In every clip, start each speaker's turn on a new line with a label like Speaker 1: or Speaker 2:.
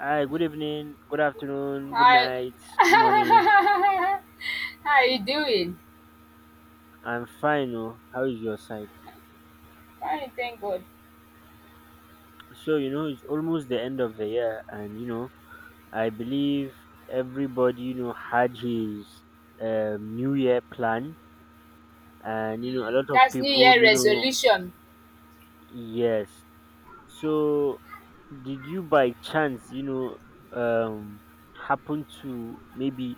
Speaker 1: Hi, good evening, good afternoon, good
Speaker 2: Hi.
Speaker 1: night, good morning.
Speaker 2: How are you doing?
Speaker 1: I'm fine. Oh. How is your side?
Speaker 2: Fine, thank God.
Speaker 1: So, it's almost the end of the year, and I believe everybody, had his New Year plan, and a lot of
Speaker 2: That's New
Speaker 1: people,
Speaker 2: Year resolution.
Speaker 1: yes. So, did you by chance, um, happen to maybe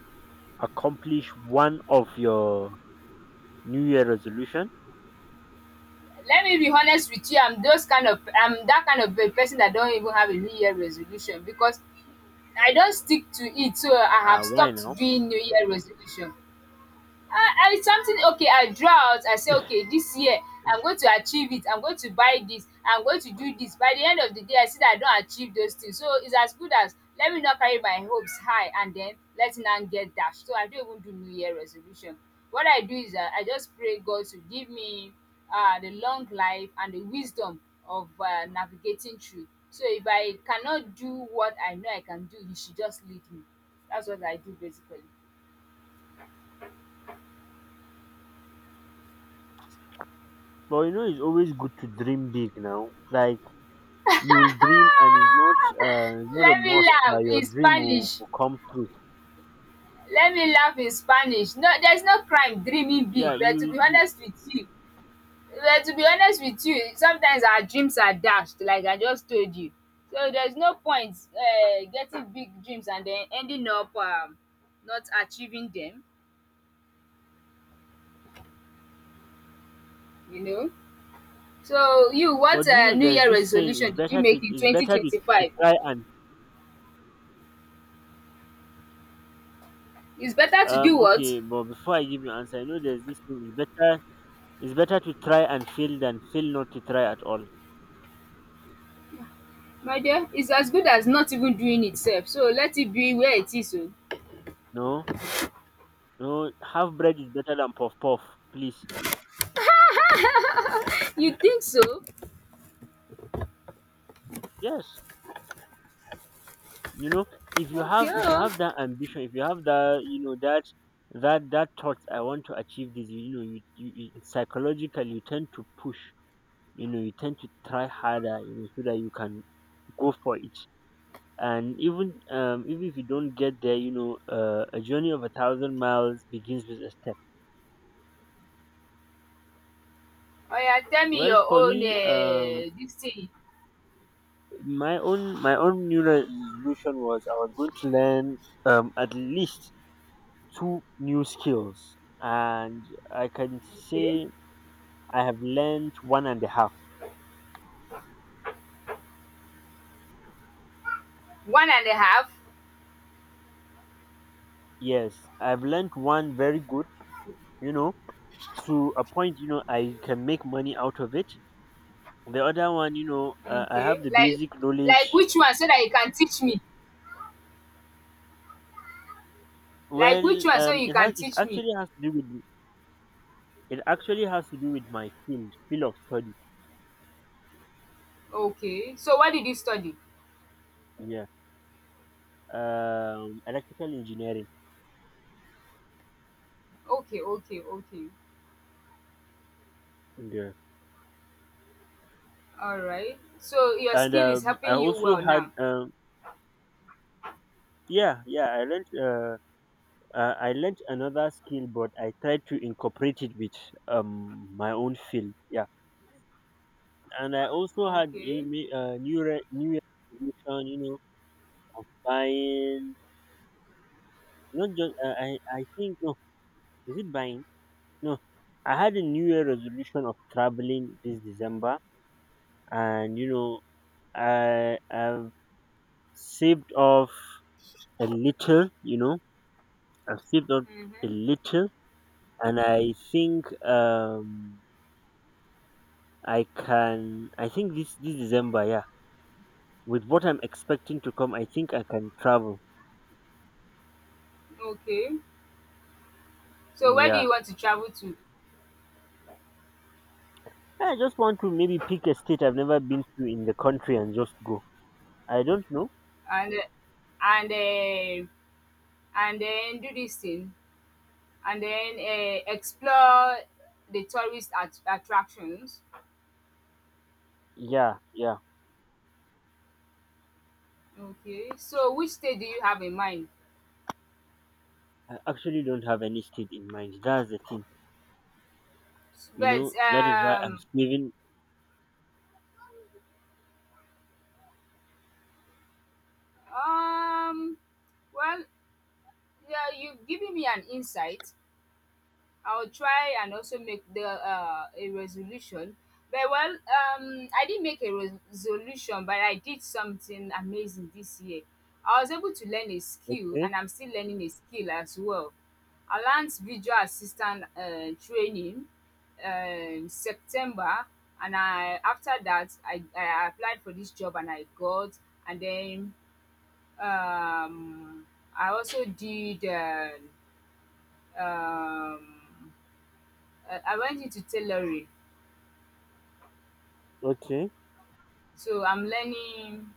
Speaker 1: accomplish one of your New Year resolution?
Speaker 2: Let me be honest with you. I'm that kind of a person that don't even have a New Year resolution because I don't stick to it. So I have
Speaker 1: Why
Speaker 2: stopped
Speaker 1: now?
Speaker 2: doing New Year resolution. I something okay I draw out I say okay this year I'm going to achieve it, I'm going to buy this. I'm going to do this. By the end of the day I see that I don achieve those things, so it's as good as let me not carry my hopes high and then let now get dashed, so I don't even do new year resolution. What I do is dat I just pray God to give me the long life and the wisdom of navigating through. So if I cannot do what I know I can do, he should just lead me. That's what I do basically.
Speaker 1: But it's always good to dream big now. Like you will dream, and it's not not a
Speaker 2: Let me
Speaker 1: must
Speaker 2: laugh
Speaker 1: that your
Speaker 2: in
Speaker 1: dream will,
Speaker 2: Spanish.
Speaker 1: will come true.
Speaker 2: Let me laugh in Spanish. No, there's no crime dreaming big,
Speaker 1: Yeah,
Speaker 2: but to
Speaker 1: you
Speaker 2: be
Speaker 1: you.
Speaker 2: honest with you, sometimes our dreams are dashed like I just told you. So there's no point getting big dreams and then ending up not achieving them, you know. So you, what
Speaker 1: But
Speaker 2: new
Speaker 1: there's
Speaker 2: year
Speaker 1: this saying: it's
Speaker 2: resolution did you
Speaker 1: better to
Speaker 2: make in 2025?
Speaker 1: try and.
Speaker 2: It's better to do what?
Speaker 1: Okay, but before I give you answer, I know there's this thing: it's better to try and fail than fail not to try at all.
Speaker 2: My dear, it's as good as not even doing itself. So let it be where it is oh.
Speaker 1: No, no, half bread is better than puff puff. Please,
Speaker 2: You think so?
Speaker 1: yes. you know if you
Speaker 2: Okay
Speaker 1: have
Speaker 2: oh.
Speaker 1: that ambition, if you have that, that thought, I want to achieve this. It's psychological. You tend to push, you tend to try harder, so that you can go for it. And even even if you don't get there, a journey of a thousand miles begins with a step.
Speaker 2: Oh, yeah. Tell me
Speaker 1: Well,
Speaker 2: your
Speaker 1: for
Speaker 2: own.
Speaker 1: me,
Speaker 2: Dis thing.
Speaker 1: my own new resolution was I was going to learn, at least two new skills, and I can
Speaker 2: Okay.
Speaker 1: say I have learned one and a half.
Speaker 2: One and a half?
Speaker 1: Yes, I've learned one very good, you know, to a point, I can make money out of it. The other one, I
Speaker 2: Okay.
Speaker 1: have the
Speaker 2: Like
Speaker 1: basic
Speaker 2: like
Speaker 1: knowledge.
Speaker 2: which one so that you can teach me? Like which
Speaker 1: Well,
Speaker 2: one so you can teach me?
Speaker 1: it actually has to do with my field of study.
Speaker 2: Okay. So what did you study?
Speaker 1: Yeah. Electrical engineering.
Speaker 2: Okay, okay, okay.
Speaker 1: Yeah.
Speaker 2: Alright. So your
Speaker 1: And
Speaker 2: skill is
Speaker 1: I
Speaker 2: helping you
Speaker 1: also
Speaker 2: well
Speaker 1: had,
Speaker 2: now?
Speaker 1: yeah, yeah, uh, I learned another skill, but I tried to incorporate it with my own field. Yeah, and I also had
Speaker 2: Okay.
Speaker 1: new Year resolution. You know, of buying not just I think no, is it buying? No. I had a new year resolution of traveling this December, and I've saved off a little. I've saved off a
Speaker 2: Mhm.
Speaker 1: little, and I think I can. I think this December, yeah. With what I'm expecting to come, I think I can travel.
Speaker 2: Okay. So where do you
Speaker 1: Yeah.
Speaker 2: want to travel to?
Speaker 1: I just want to maybe pick a state I've never been to in the country and just go. I don't know.
Speaker 2: and uh, and um and then do this thing and then explore the tourist at attractions.
Speaker 1: Yeah, yeah.
Speaker 2: Okay, so which state do you have in mind?
Speaker 1: I actually don't have any state in mind. That's the thing. You
Speaker 2: But
Speaker 1: know, that is why I'm saving.
Speaker 2: um well, yeah, you've given me an insight. I'll try and also make the a resolution. But well, I didn't make a resolution, but I did something amazing this year. I was able to learn a skill,
Speaker 1: Okay,
Speaker 2: and I'm still learning a skill as well. I learned visual assistant training September, and I after that I applied for this job and I got, and then um, I also did um, I went into tailoring,
Speaker 1: okay.
Speaker 2: so I'm learning.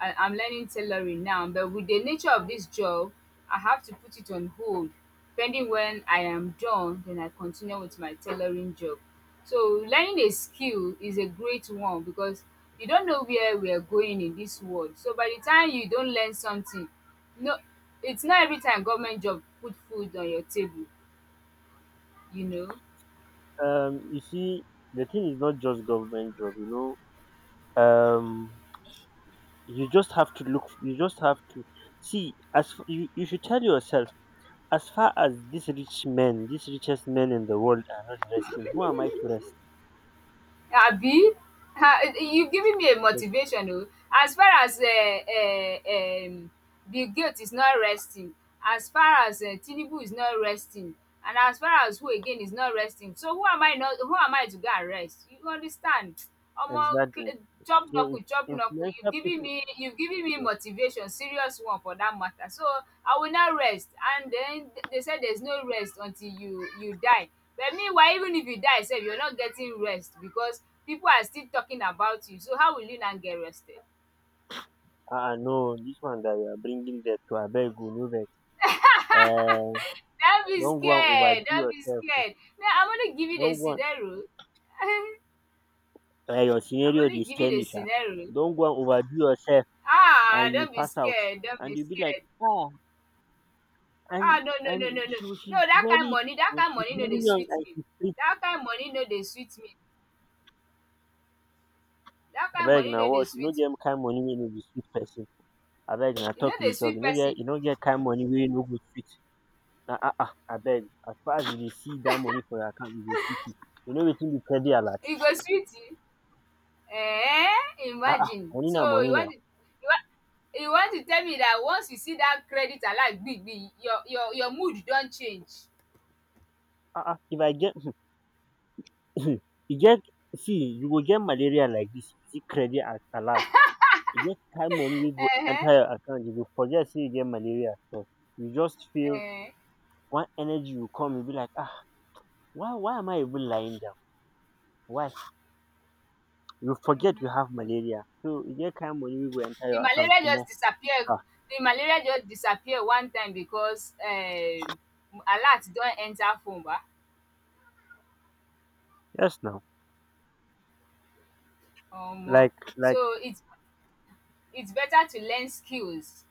Speaker 2: I'm learning tailoring now, but with the nature of this job, I have to put it on hold, pending when I am done. Then I continue with my tailoring job. So learning a skill is a great one because you don't know where we are going in this world. So by the time you don't learn something, no, it's not every time government job put food on your table. You know.
Speaker 1: You see, the thing is not just government job. You know, you just have to look. You just have to see. You, you should tell yourself: as far as these rich men, these richest men in the world are not resting, who am I to rest?
Speaker 2: Abi? Ah, you've given me a
Speaker 1: Yes,
Speaker 2: motivation oh. As far as um Bill Gates is not resting, as far as Tinubu is not resting, and as far as who again is not resting, so who am I not who am I to go and rest? You understand? Omo cl
Speaker 1: exactly.
Speaker 2: chops
Speaker 1: So
Speaker 2: knuckle
Speaker 1: if
Speaker 2: chops knuckle, you've
Speaker 1: influential
Speaker 2: given
Speaker 1: people,
Speaker 2: me you've given me
Speaker 1: yes,
Speaker 2: motivation, serious one for that matter, so I will not rest. And den they said there's no rest until you die, but meanwhile even if you die sef you're not getting rest because people are still talking about you, so how will you not get rested?
Speaker 1: ah, ah, no, this one that you are bringing there to Abeg, oh, no vex. Uh,
Speaker 2: Don't be
Speaker 1: don't go and
Speaker 2: scared,
Speaker 1: overdo
Speaker 2: don't be
Speaker 1: yourself. Oh.
Speaker 2: scared, no, I'm only giving a
Speaker 1: Don't go and,
Speaker 2: scenario. I'm
Speaker 1: your scenario,
Speaker 2: only
Speaker 1: they
Speaker 2: giving
Speaker 1: scare
Speaker 2: a
Speaker 1: me, sha.
Speaker 2: scenario.
Speaker 1: Don't go and overdo yourself
Speaker 2: Ah,
Speaker 1: and you
Speaker 2: don't be
Speaker 1: pass out.
Speaker 2: scared, don't
Speaker 1: And
Speaker 2: be
Speaker 1: you be like,
Speaker 2: scared.
Speaker 1: ah,
Speaker 2: Ah,
Speaker 1: and
Speaker 2: no, no, no, no,
Speaker 1: and
Speaker 2: no, no dat kain moni, dat kain
Speaker 1: she's
Speaker 2: moni no
Speaker 1: very
Speaker 2: dey
Speaker 1: young
Speaker 2: sweet
Speaker 1: and
Speaker 2: me,
Speaker 1: she's pretty.
Speaker 2: dat kain moni no dey sweet me, dat kain
Speaker 1: Abeg,
Speaker 2: moni
Speaker 1: now
Speaker 2: no dey
Speaker 1: what? You know,
Speaker 2: sweet me.
Speaker 1: them kind of money when you be sweet person. Abeg na
Speaker 2: E no
Speaker 1: talk you
Speaker 2: dey
Speaker 1: dey talk,
Speaker 2: sweet
Speaker 1: you no
Speaker 2: person.
Speaker 1: get you no get kain money wey no go sweet na ah. Ah, abeg, as far as you dey see dat money for your account, you go see it. You know wetin be credit alert?
Speaker 2: E go sweet you.
Speaker 1: Ah, ah,
Speaker 2: Imagine.
Speaker 1: money
Speaker 2: So
Speaker 1: na
Speaker 2: you
Speaker 1: money na.
Speaker 2: want you want to tell me dat once you see dat credit alert gbigbi your mood don change.
Speaker 1: Ah, ah, if I get e get. See, you go get malaria like dis. If you see credit a alert, e get kain money wey go
Speaker 2: um
Speaker 1: enter your account, you go forget sey you get malaria sef. You just feel
Speaker 2: um
Speaker 1: one energy go come, you be like, ah, why am I even lying down? Why? You forget
Speaker 2: um
Speaker 1: you have malaria. So e get kain money wey go enter
Speaker 2: the
Speaker 1: your account,
Speaker 2: malaria
Speaker 1: omo.
Speaker 2: just disappear. The malaria just disappear one time because alert don enter phone ba.
Speaker 1: Yes, now.
Speaker 2: Omo.
Speaker 1: Like, like,
Speaker 2: So it's better to learn skills.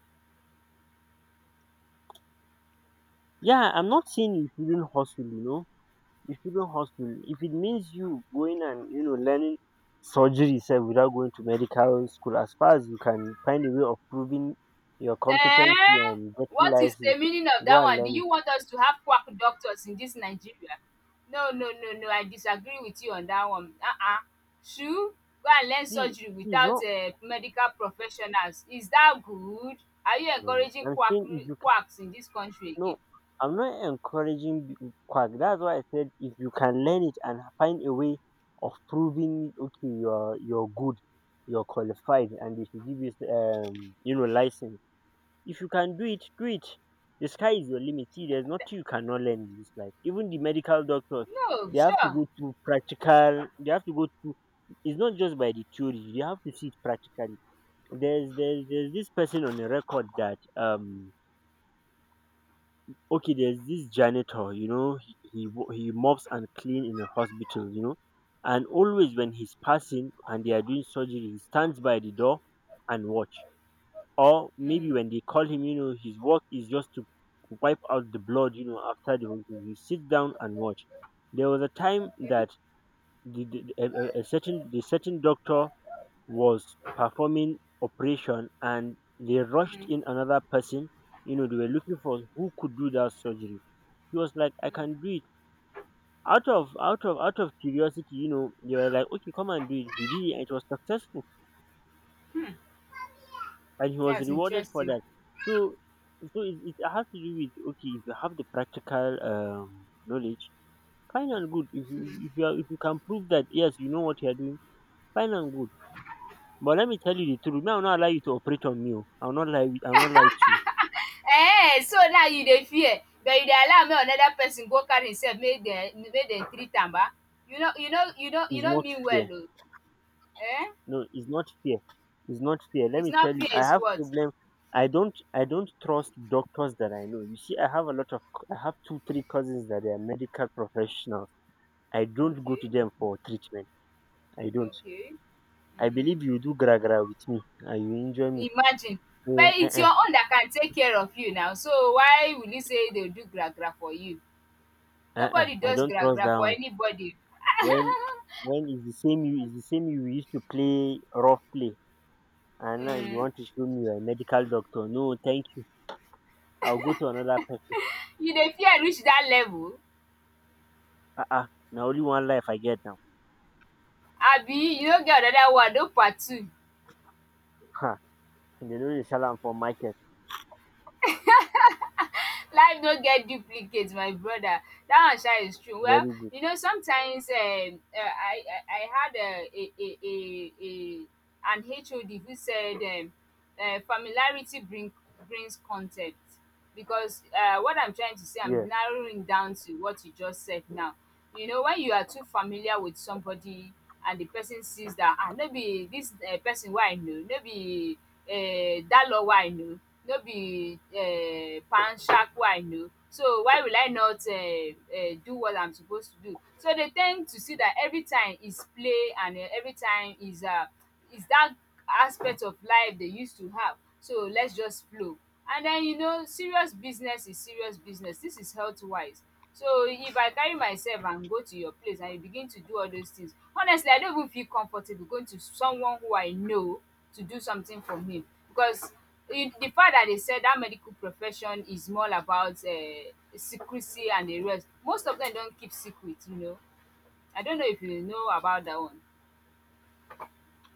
Speaker 1: yeah, I'm not saying if you shouldn't hustle, you know. If you shouldn't hustle, if it means you going and, you know, learning surgery itself without going to medical school, as far as you can find a way of proving your competency
Speaker 2: Eh!
Speaker 1: and getting
Speaker 2: What is the
Speaker 1: license,
Speaker 2: meaning of
Speaker 1: go
Speaker 2: that
Speaker 1: and
Speaker 2: one? Do
Speaker 1: learn it.
Speaker 2: you want us to have quack doctors in this Nigeria? No, no, no, no. I disagree with you on that one. Uh-uh. Shoo! Go and learn
Speaker 1: See,
Speaker 2: surgery
Speaker 1: see, it's
Speaker 2: without
Speaker 1: not,
Speaker 2: medical professionals. Is that good? Are you
Speaker 1: no,
Speaker 2: encouraging
Speaker 1: I'm
Speaker 2: quack
Speaker 1: saying if you:
Speaker 2: quacks in this country
Speaker 1: no,
Speaker 2: again?
Speaker 1: I'm not encouraging quack. That's why I said if you can learn it and find a way of proving it, okay, you're good, you're qualified, and they should give you you know license. If you can do it, do it. The sky is your limit. See, there's nothing you cannot learn in this life. Even the medical doctors,
Speaker 2: No,
Speaker 1: they have to
Speaker 2: sure.
Speaker 1: go through practical. They have to go through. It's not just by the theory. You have to see it practically. There's this person on the record that okay, there's this janitor. You know, he he mops and clean in a hospital, you know, and always when he's passing and they are doing surgery, he stands by the door and watch, or maybe
Speaker 2: Mm.
Speaker 1: when they call him, you know, his work is just to wipe out the blood. You know, after the whole thing, he sits down and watch. There was a time that a certain the certain doctor was performing operation, and they rushed
Speaker 2: Mm.
Speaker 1: in another person. You know, they were looking for who could do that surgery. He was like, I can do it. Out of curiosity, you know, they were like, okay, come and do it. He did it and it was successful,
Speaker 2: Hmm.
Speaker 1: and he was
Speaker 2: That's
Speaker 1: rewarded for
Speaker 2: interesting.
Speaker 1: that. So, so it has to do with, okay, if you have the practical knowledge, fine and good. If you are, if you can prove that yes, you know what you are doing, fine and good. But let me tell you the truth. Me, I will not allow you to operate on me. Oh. I will not lie. I will not lie to you.
Speaker 2: Eh, so now you dey fear but you dey allow make another person go carry himself, make dem treat am ba. you no you no you no you
Speaker 1: It's
Speaker 2: no
Speaker 1: not
Speaker 2: mean well
Speaker 1: fair.
Speaker 2: oo. Eh,
Speaker 1: No, it's not fair. It's not fair. Let
Speaker 2: it's
Speaker 1: me
Speaker 2: not
Speaker 1: tell you,
Speaker 2: fear,
Speaker 1: I
Speaker 2: it's
Speaker 1: have
Speaker 2: what?
Speaker 1: problem. I don't trust doctors that I know. You see, I have a lot of I have two three cousins that they are medical professionals. I don't go to
Speaker 2: Okay,
Speaker 1: them for treatment. I don't.
Speaker 2: okay.
Speaker 1: I
Speaker 2: um
Speaker 1: believe you do gra gra with me and you injure me.
Speaker 2: Imagine.
Speaker 1: So
Speaker 2: But it's your own that can take care of you now, so why will you say dem do gra gra for you? Nobody
Speaker 1: I
Speaker 2: does
Speaker 1: don't
Speaker 2: gra
Speaker 1: trust
Speaker 2: gra
Speaker 1: that
Speaker 2: for
Speaker 1: one.
Speaker 2: anybody.
Speaker 1: When when is the same you is the same you used to play rough play, and now you
Speaker 2: um
Speaker 1: want to show me you're a medical doctor. No, thank you. I'll go to another person.
Speaker 2: you dey fear reach that level?
Speaker 1: Now only one life I get now.
Speaker 2: Abi you no get another one? No part two.
Speaker 1: Ha! They no dey sell am for market.
Speaker 2: Life no get duplicate, my brother. That one sha is true. Well,
Speaker 1: Very good.
Speaker 2: you know, sometimes I had a an hod who said familiarity brings contempt because what I'm trying to say, I'm
Speaker 1: Yes.
Speaker 2: narrowing down to what you just said now. You know, when you are too familiar with somebody, and the person sees that ah no be dis person wey I know, no be Dalo wey I know, no be Panshak wey I know, so why will I not do what I'm supposed to do? So dey ten d to see that every time is play, and every time is that aspect of life they used to have. So let's just flow. And then you know, serious business is serious business. This is health wise. So if I carry myself and go to your place and you begin to do all those things, honestly, I don't even feel comfortable going to someone who I know to do something for him because the fact that they said that medical profession is more about secrecy and the rest. Most of them don't keep secret. I don't know if you know about that one.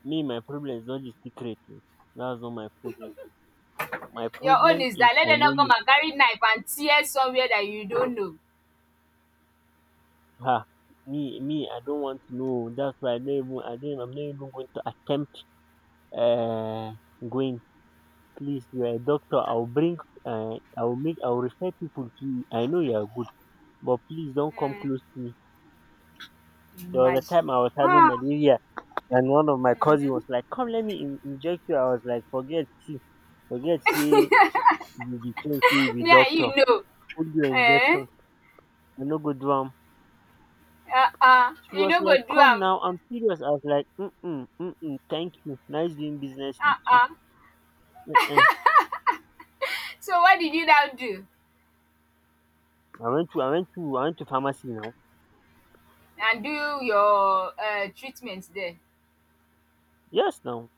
Speaker 1: Me, my problem is not the secret oh. That's not my problem. My
Speaker 2: Your own
Speaker 1: problem
Speaker 2: is
Speaker 1: is
Speaker 2: that let
Speaker 1: I
Speaker 2: them
Speaker 1: know
Speaker 2: not come
Speaker 1: you.
Speaker 2: and carry knife and tear somewhere that you don't know.
Speaker 1: Ha! Me, I don't want to know oh. That's why I don't, I'm not even going to attempt, Uh, going. Please, you are a doctor. I will bring, I will make, I will refer people to you. I know you are good, but please don't come
Speaker 2: um
Speaker 1: close to me. There was a
Speaker 2: Imagine.
Speaker 1: time I was having
Speaker 2: Ah,
Speaker 1: malaria, and one of my cousin was like, "Come let me in inject you." I was like, "Forget see, forget see." You be tell say you be
Speaker 2: me and
Speaker 1: doctor,
Speaker 2: you know,
Speaker 1: hold your
Speaker 2: eh,
Speaker 1: injection, I no go do am. She
Speaker 2: you
Speaker 1: was
Speaker 2: no go
Speaker 1: like,
Speaker 2: do
Speaker 1: come
Speaker 2: am
Speaker 1: now I'm serious. I was like, "Mm mm mm mm, thank you, nice doing business with you."
Speaker 2: um.
Speaker 1: um
Speaker 2: So what did you now do
Speaker 1: I went to I went to pharmacy now.
Speaker 2: and do your treatment there?
Speaker 1: Yes now,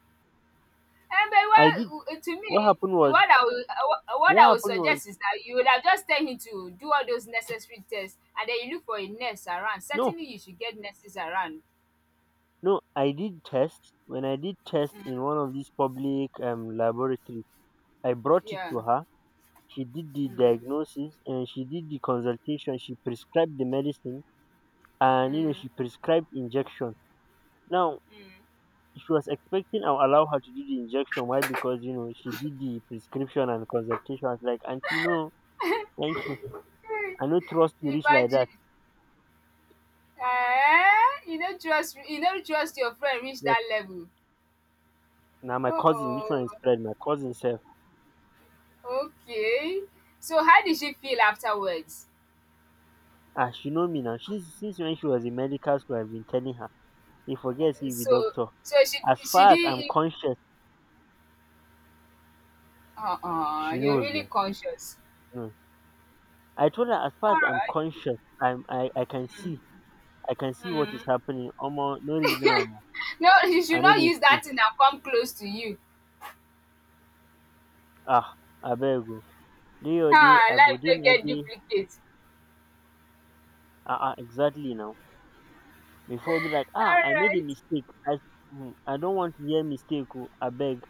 Speaker 2: And but
Speaker 1: I did.
Speaker 2: well to
Speaker 1: What
Speaker 2: me,
Speaker 1: happened was,
Speaker 2: what
Speaker 1: what
Speaker 2: I would
Speaker 1: happened was
Speaker 2: suggest is that you would have just tell him to do all those necessary tests, and then you look for a nurse around.
Speaker 1: no,
Speaker 2: Certainly you should get nurses around.
Speaker 1: no, I did test. When I did test in one of these public laboratories, I brought it
Speaker 2: Yeah.
Speaker 1: to her. She did the
Speaker 2: um
Speaker 1: diagnosis and she did the consultation. She prescribed the medicine, and you know
Speaker 2: um
Speaker 1: she prescribed injection. Now
Speaker 2: um
Speaker 1: she was expecting I'll allow her to do the injection. Why? Because you know she did the prescription and consultation. I was like, Auntie, no, thank you. I no trust you reach like
Speaker 2: Imagine,
Speaker 1: that.
Speaker 2: you no trust your friend reach
Speaker 1: Yes.
Speaker 2: dat level.
Speaker 1: Now my cousin, which
Speaker 2: Oh,
Speaker 1: one is Fred? My cousin self.
Speaker 2: oh, okay. So how did she feel afterwards?
Speaker 1: Ah, she know me now. She, since when she was in medical school, I've been telling her. He forgets he be
Speaker 2: So
Speaker 1: doctor.
Speaker 2: so
Speaker 1: As
Speaker 2: she
Speaker 1: far as
Speaker 2: didn't
Speaker 1: I'm
Speaker 2: e
Speaker 1: conscious, she
Speaker 2: you're
Speaker 1: knows
Speaker 2: really
Speaker 1: now.
Speaker 2: conscious.
Speaker 1: You know. I told her, as far as I'm
Speaker 2: Alright.
Speaker 1: conscious, I can see. I can see what is
Speaker 2: Mm.
Speaker 1: happening. Omo, no reason am.
Speaker 2: No, she should
Speaker 1: I know
Speaker 2: not
Speaker 1: they
Speaker 2: use
Speaker 1: see.
Speaker 2: that thing and come close to you.
Speaker 1: Ah, I beg. Day your day,
Speaker 2: Ah,
Speaker 1: I go
Speaker 2: life
Speaker 1: dey
Speaker 2: no
Speaker 1: my
Speaker 2: get
Speaker 1: day.
Speaker 2: duplicate.
Speaker 1: Ah ah, exactly now. Before, be like, ah, I made a
Speaker 2: Alright.
Speaker 1: mistake. I don't want to hear mistake oh, I beg,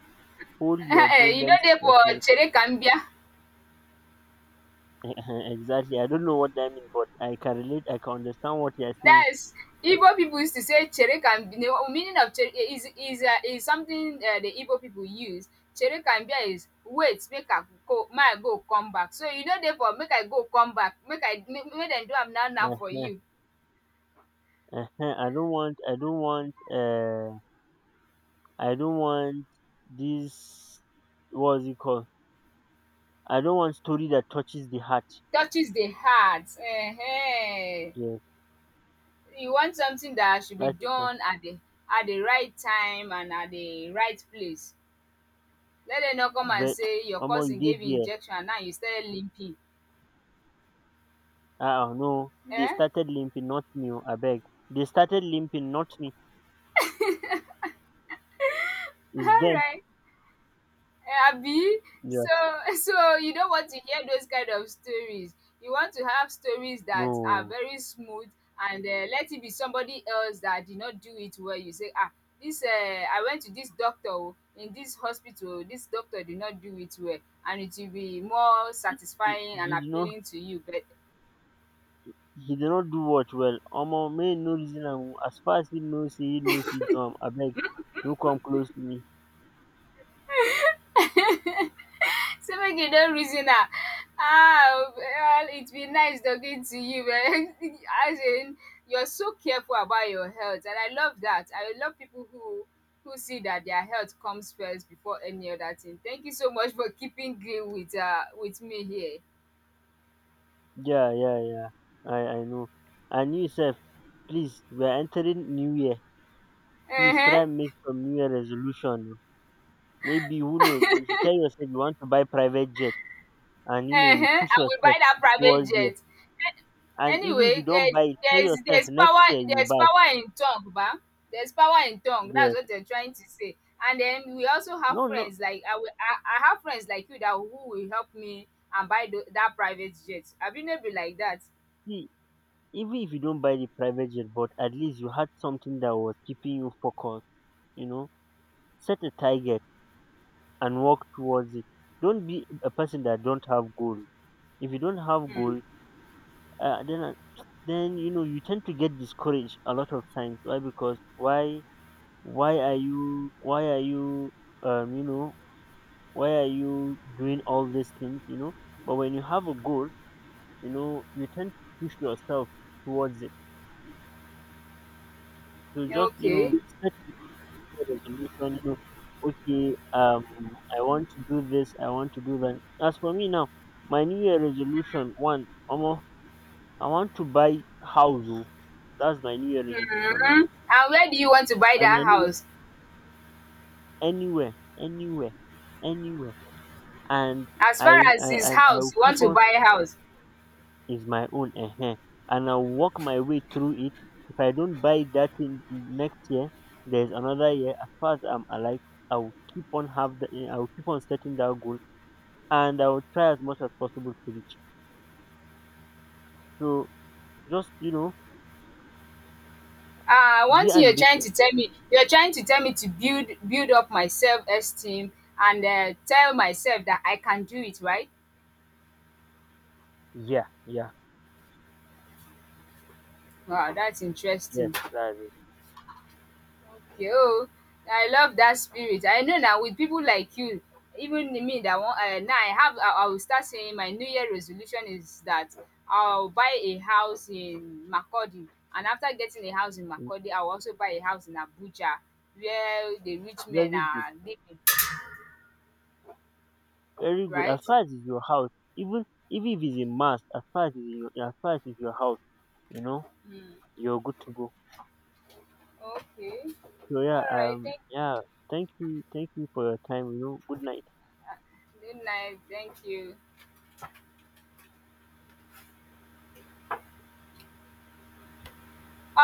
Speaker 1: hold your
Speaker 2: You no
Speaker 1: problems
Speaker 2: dey
Speaker 1: to
Speaker 2: for
Speaker 1: yourself.
Speaker 2: Chere ka.
Speaker 1: Exactly. I don't know what that means, but I can relate, I can understand what you are saying.
Speaker 2: That's Igbo people used to say "chere ka m bia". Meaning of chere is something the Igbo people use. "Chere ka m bia" is wait make I go, make I go come back, so you no dey for make I go come back, make I make make dem do am now now for
Speaker 1: Ehen,
Speaker 2: you.
Speaker 1: ehen. I don't want this, what's it called? I don't want story that touches the heart.
Speaker 2: Touches the heart.
Speaker 1: Yes,
Speaker 2: You want something that should be
Speaker 1: that is not
Speaker 2: done at the right time and at the right place. Make dem no come
Speaker 1: ve
Speaker 2: and say your
Speaker 1: Omo, you
Speaker 2: cousin
Speaker 1: did
Speaker 2: gave you
Speaker 1: there.
Speaker 2: injection and now you started limping.
Speaker 1: Ah ah, no, they
Speaker 2: um
Speaker 1: started limping, not me. Oh, I beg. They started limping, not me. It's them.
Speaker 2: alright. Eh, abi,
Speaker 1: Yeah,
Speaker 2: so so you don't want to hear those kind of stories? You want to have stories that are
Speaker 1: no,
Speaker 2: very smooth, and let it be somebody else that did not do it well. You say, ah, this I went to this doctor oh, in this hospital oh, this doctor did not do it well, and it will be more
Speaker 1: he,
Speaker 2: satisfying and
Speaker 1: he did not.
Speaker 2: appealing to you but—
Speaker 1: He did not do what well. Omo, may no reason am. Oh. As far as he know, say he no fit do am. Abeg, no come close to me.
Speaker 2: So make you don reason am. Ah, well, it's been nice talking to you. As in, you're so careful about your health, and I love that. I love people who see that their health comes first before any other thing. Thank you so much for keeping green with me here.
Speaker 1: Yeah, yeah, yeah. I know. And you sef, please, we are entering new year.
Speaker 2: Uh
Speaker 1: Please
Speaker 2: huh.
Speaker 1: try and make some new year resolution oh. Maybe who knows? If you tell yourself you want to buy private jet, and you know you
Speaker 2: Uh-huh,
Speaker 1: push
Speaker 2: I will buy
Speaker 1: yourself
Speaker 2: that private
Speaker 1: towards there.
Speaker 2: jet. An
Speaker 1: And even if you
Speaker 2: anyway, eh,
Speaker 1: don't buy it, tell
Speaker 2: there's
Speaker 1: yourself
Speaker 2: there's
Speaker 1: next
Speaker 2: power
Speaker 1: year you will
Speaker 2: there's
Speaker 1: buy.
Speaker 2: power in tongue ba. There's power in tongue. That's
Speaker 1: Yes.
Speaker 2: what they're trying to say. And then we also have
Speaker 1: No, no,
Speaker 2: friends like I have friends like you that who will help me and buy tho that private jet. Abi no be like that?
Speaker 1: see, even if you don't buy the private jet, but at least you had something that was keeping you focused, you know. Set a target and work towards it. Don't be a person that don't have goal. If you don't have goal, then, then, you know, you tend to get discouraged a lot of times. Why? Because, why are you you know, why are you doing all these things, you know? But when you have a goal, you know, you tend to push yourself towards it. So just, you
Speaker 2: Okay.
Speaker 1: know, set a resolution, you know, okay, I want to do this, I want to do that. As for me now, my New Year resolution, one, Omo, I want to buy house oh. That's my New Year resolution
Speaker 2: Hmm.
Speaker 1: now.
Speaker 2: And where do you want to buy
Speaker 1: And
Speaker 2: that
Speaker 1: I know,
Speaker 2: house?
Speaker 1: anywhere, anywhere, anywhere. And
Speaker 2: As far as his
Speaker 1: and I
Speaker 2: house,
Speaker 1: will
Speaker 2: you want
Speaker 1: keep
Speaker 2: to
Speaker 1: on,
Speaker 2: buy a house.
Speaker 1: is my own ehen, and I'll work my way through it. If I don't buy that thing next year, there's another year. As far as I'm alive, I will keep on setting that goal, and I will try as much as possible to reach. So just, you know,
Speaker 2: Ah, one
Speaker 1: be
Speaker 2: thing you're trying
Speaker 1: ambitious.
Speaker 2: to tell me to build up my self-esteem, and, eh, tell myself that I can do it, right?
Speaker 1: Yeah, yeah,
Speaker 2: Wow, that's
Speaker 1: yes,
Speaker 2: interesting.
Speaker 1: that's it.
Speaker 2: Okay oh, I love that spirit. I know na with people like you, even me that want now, I have I will start saying my New Year resolution is that I'll buy a house in Makodi, and after getting a house in
Speaker 1: Mm,
Speaker 2: Makodi, I will also buy a house in Abuja where the rich men
Speaker 1: very good,
Speaker 2: are living,
Speaker 1: very good. As
Speaker 2: right?
Speaker 1: far as it's your house, even, even if it's a must, as far as as far as it's your house, you know, you're good to go.
Speaker 2: Okay.
Speaker 1: So
Speaker 2: All
Speaker 1: yeah,
Speaker 2: right. Thank.
Speaker 1: yeah. Thank you for your time. You know, good night.
Speaker 2: Good night. Thank you.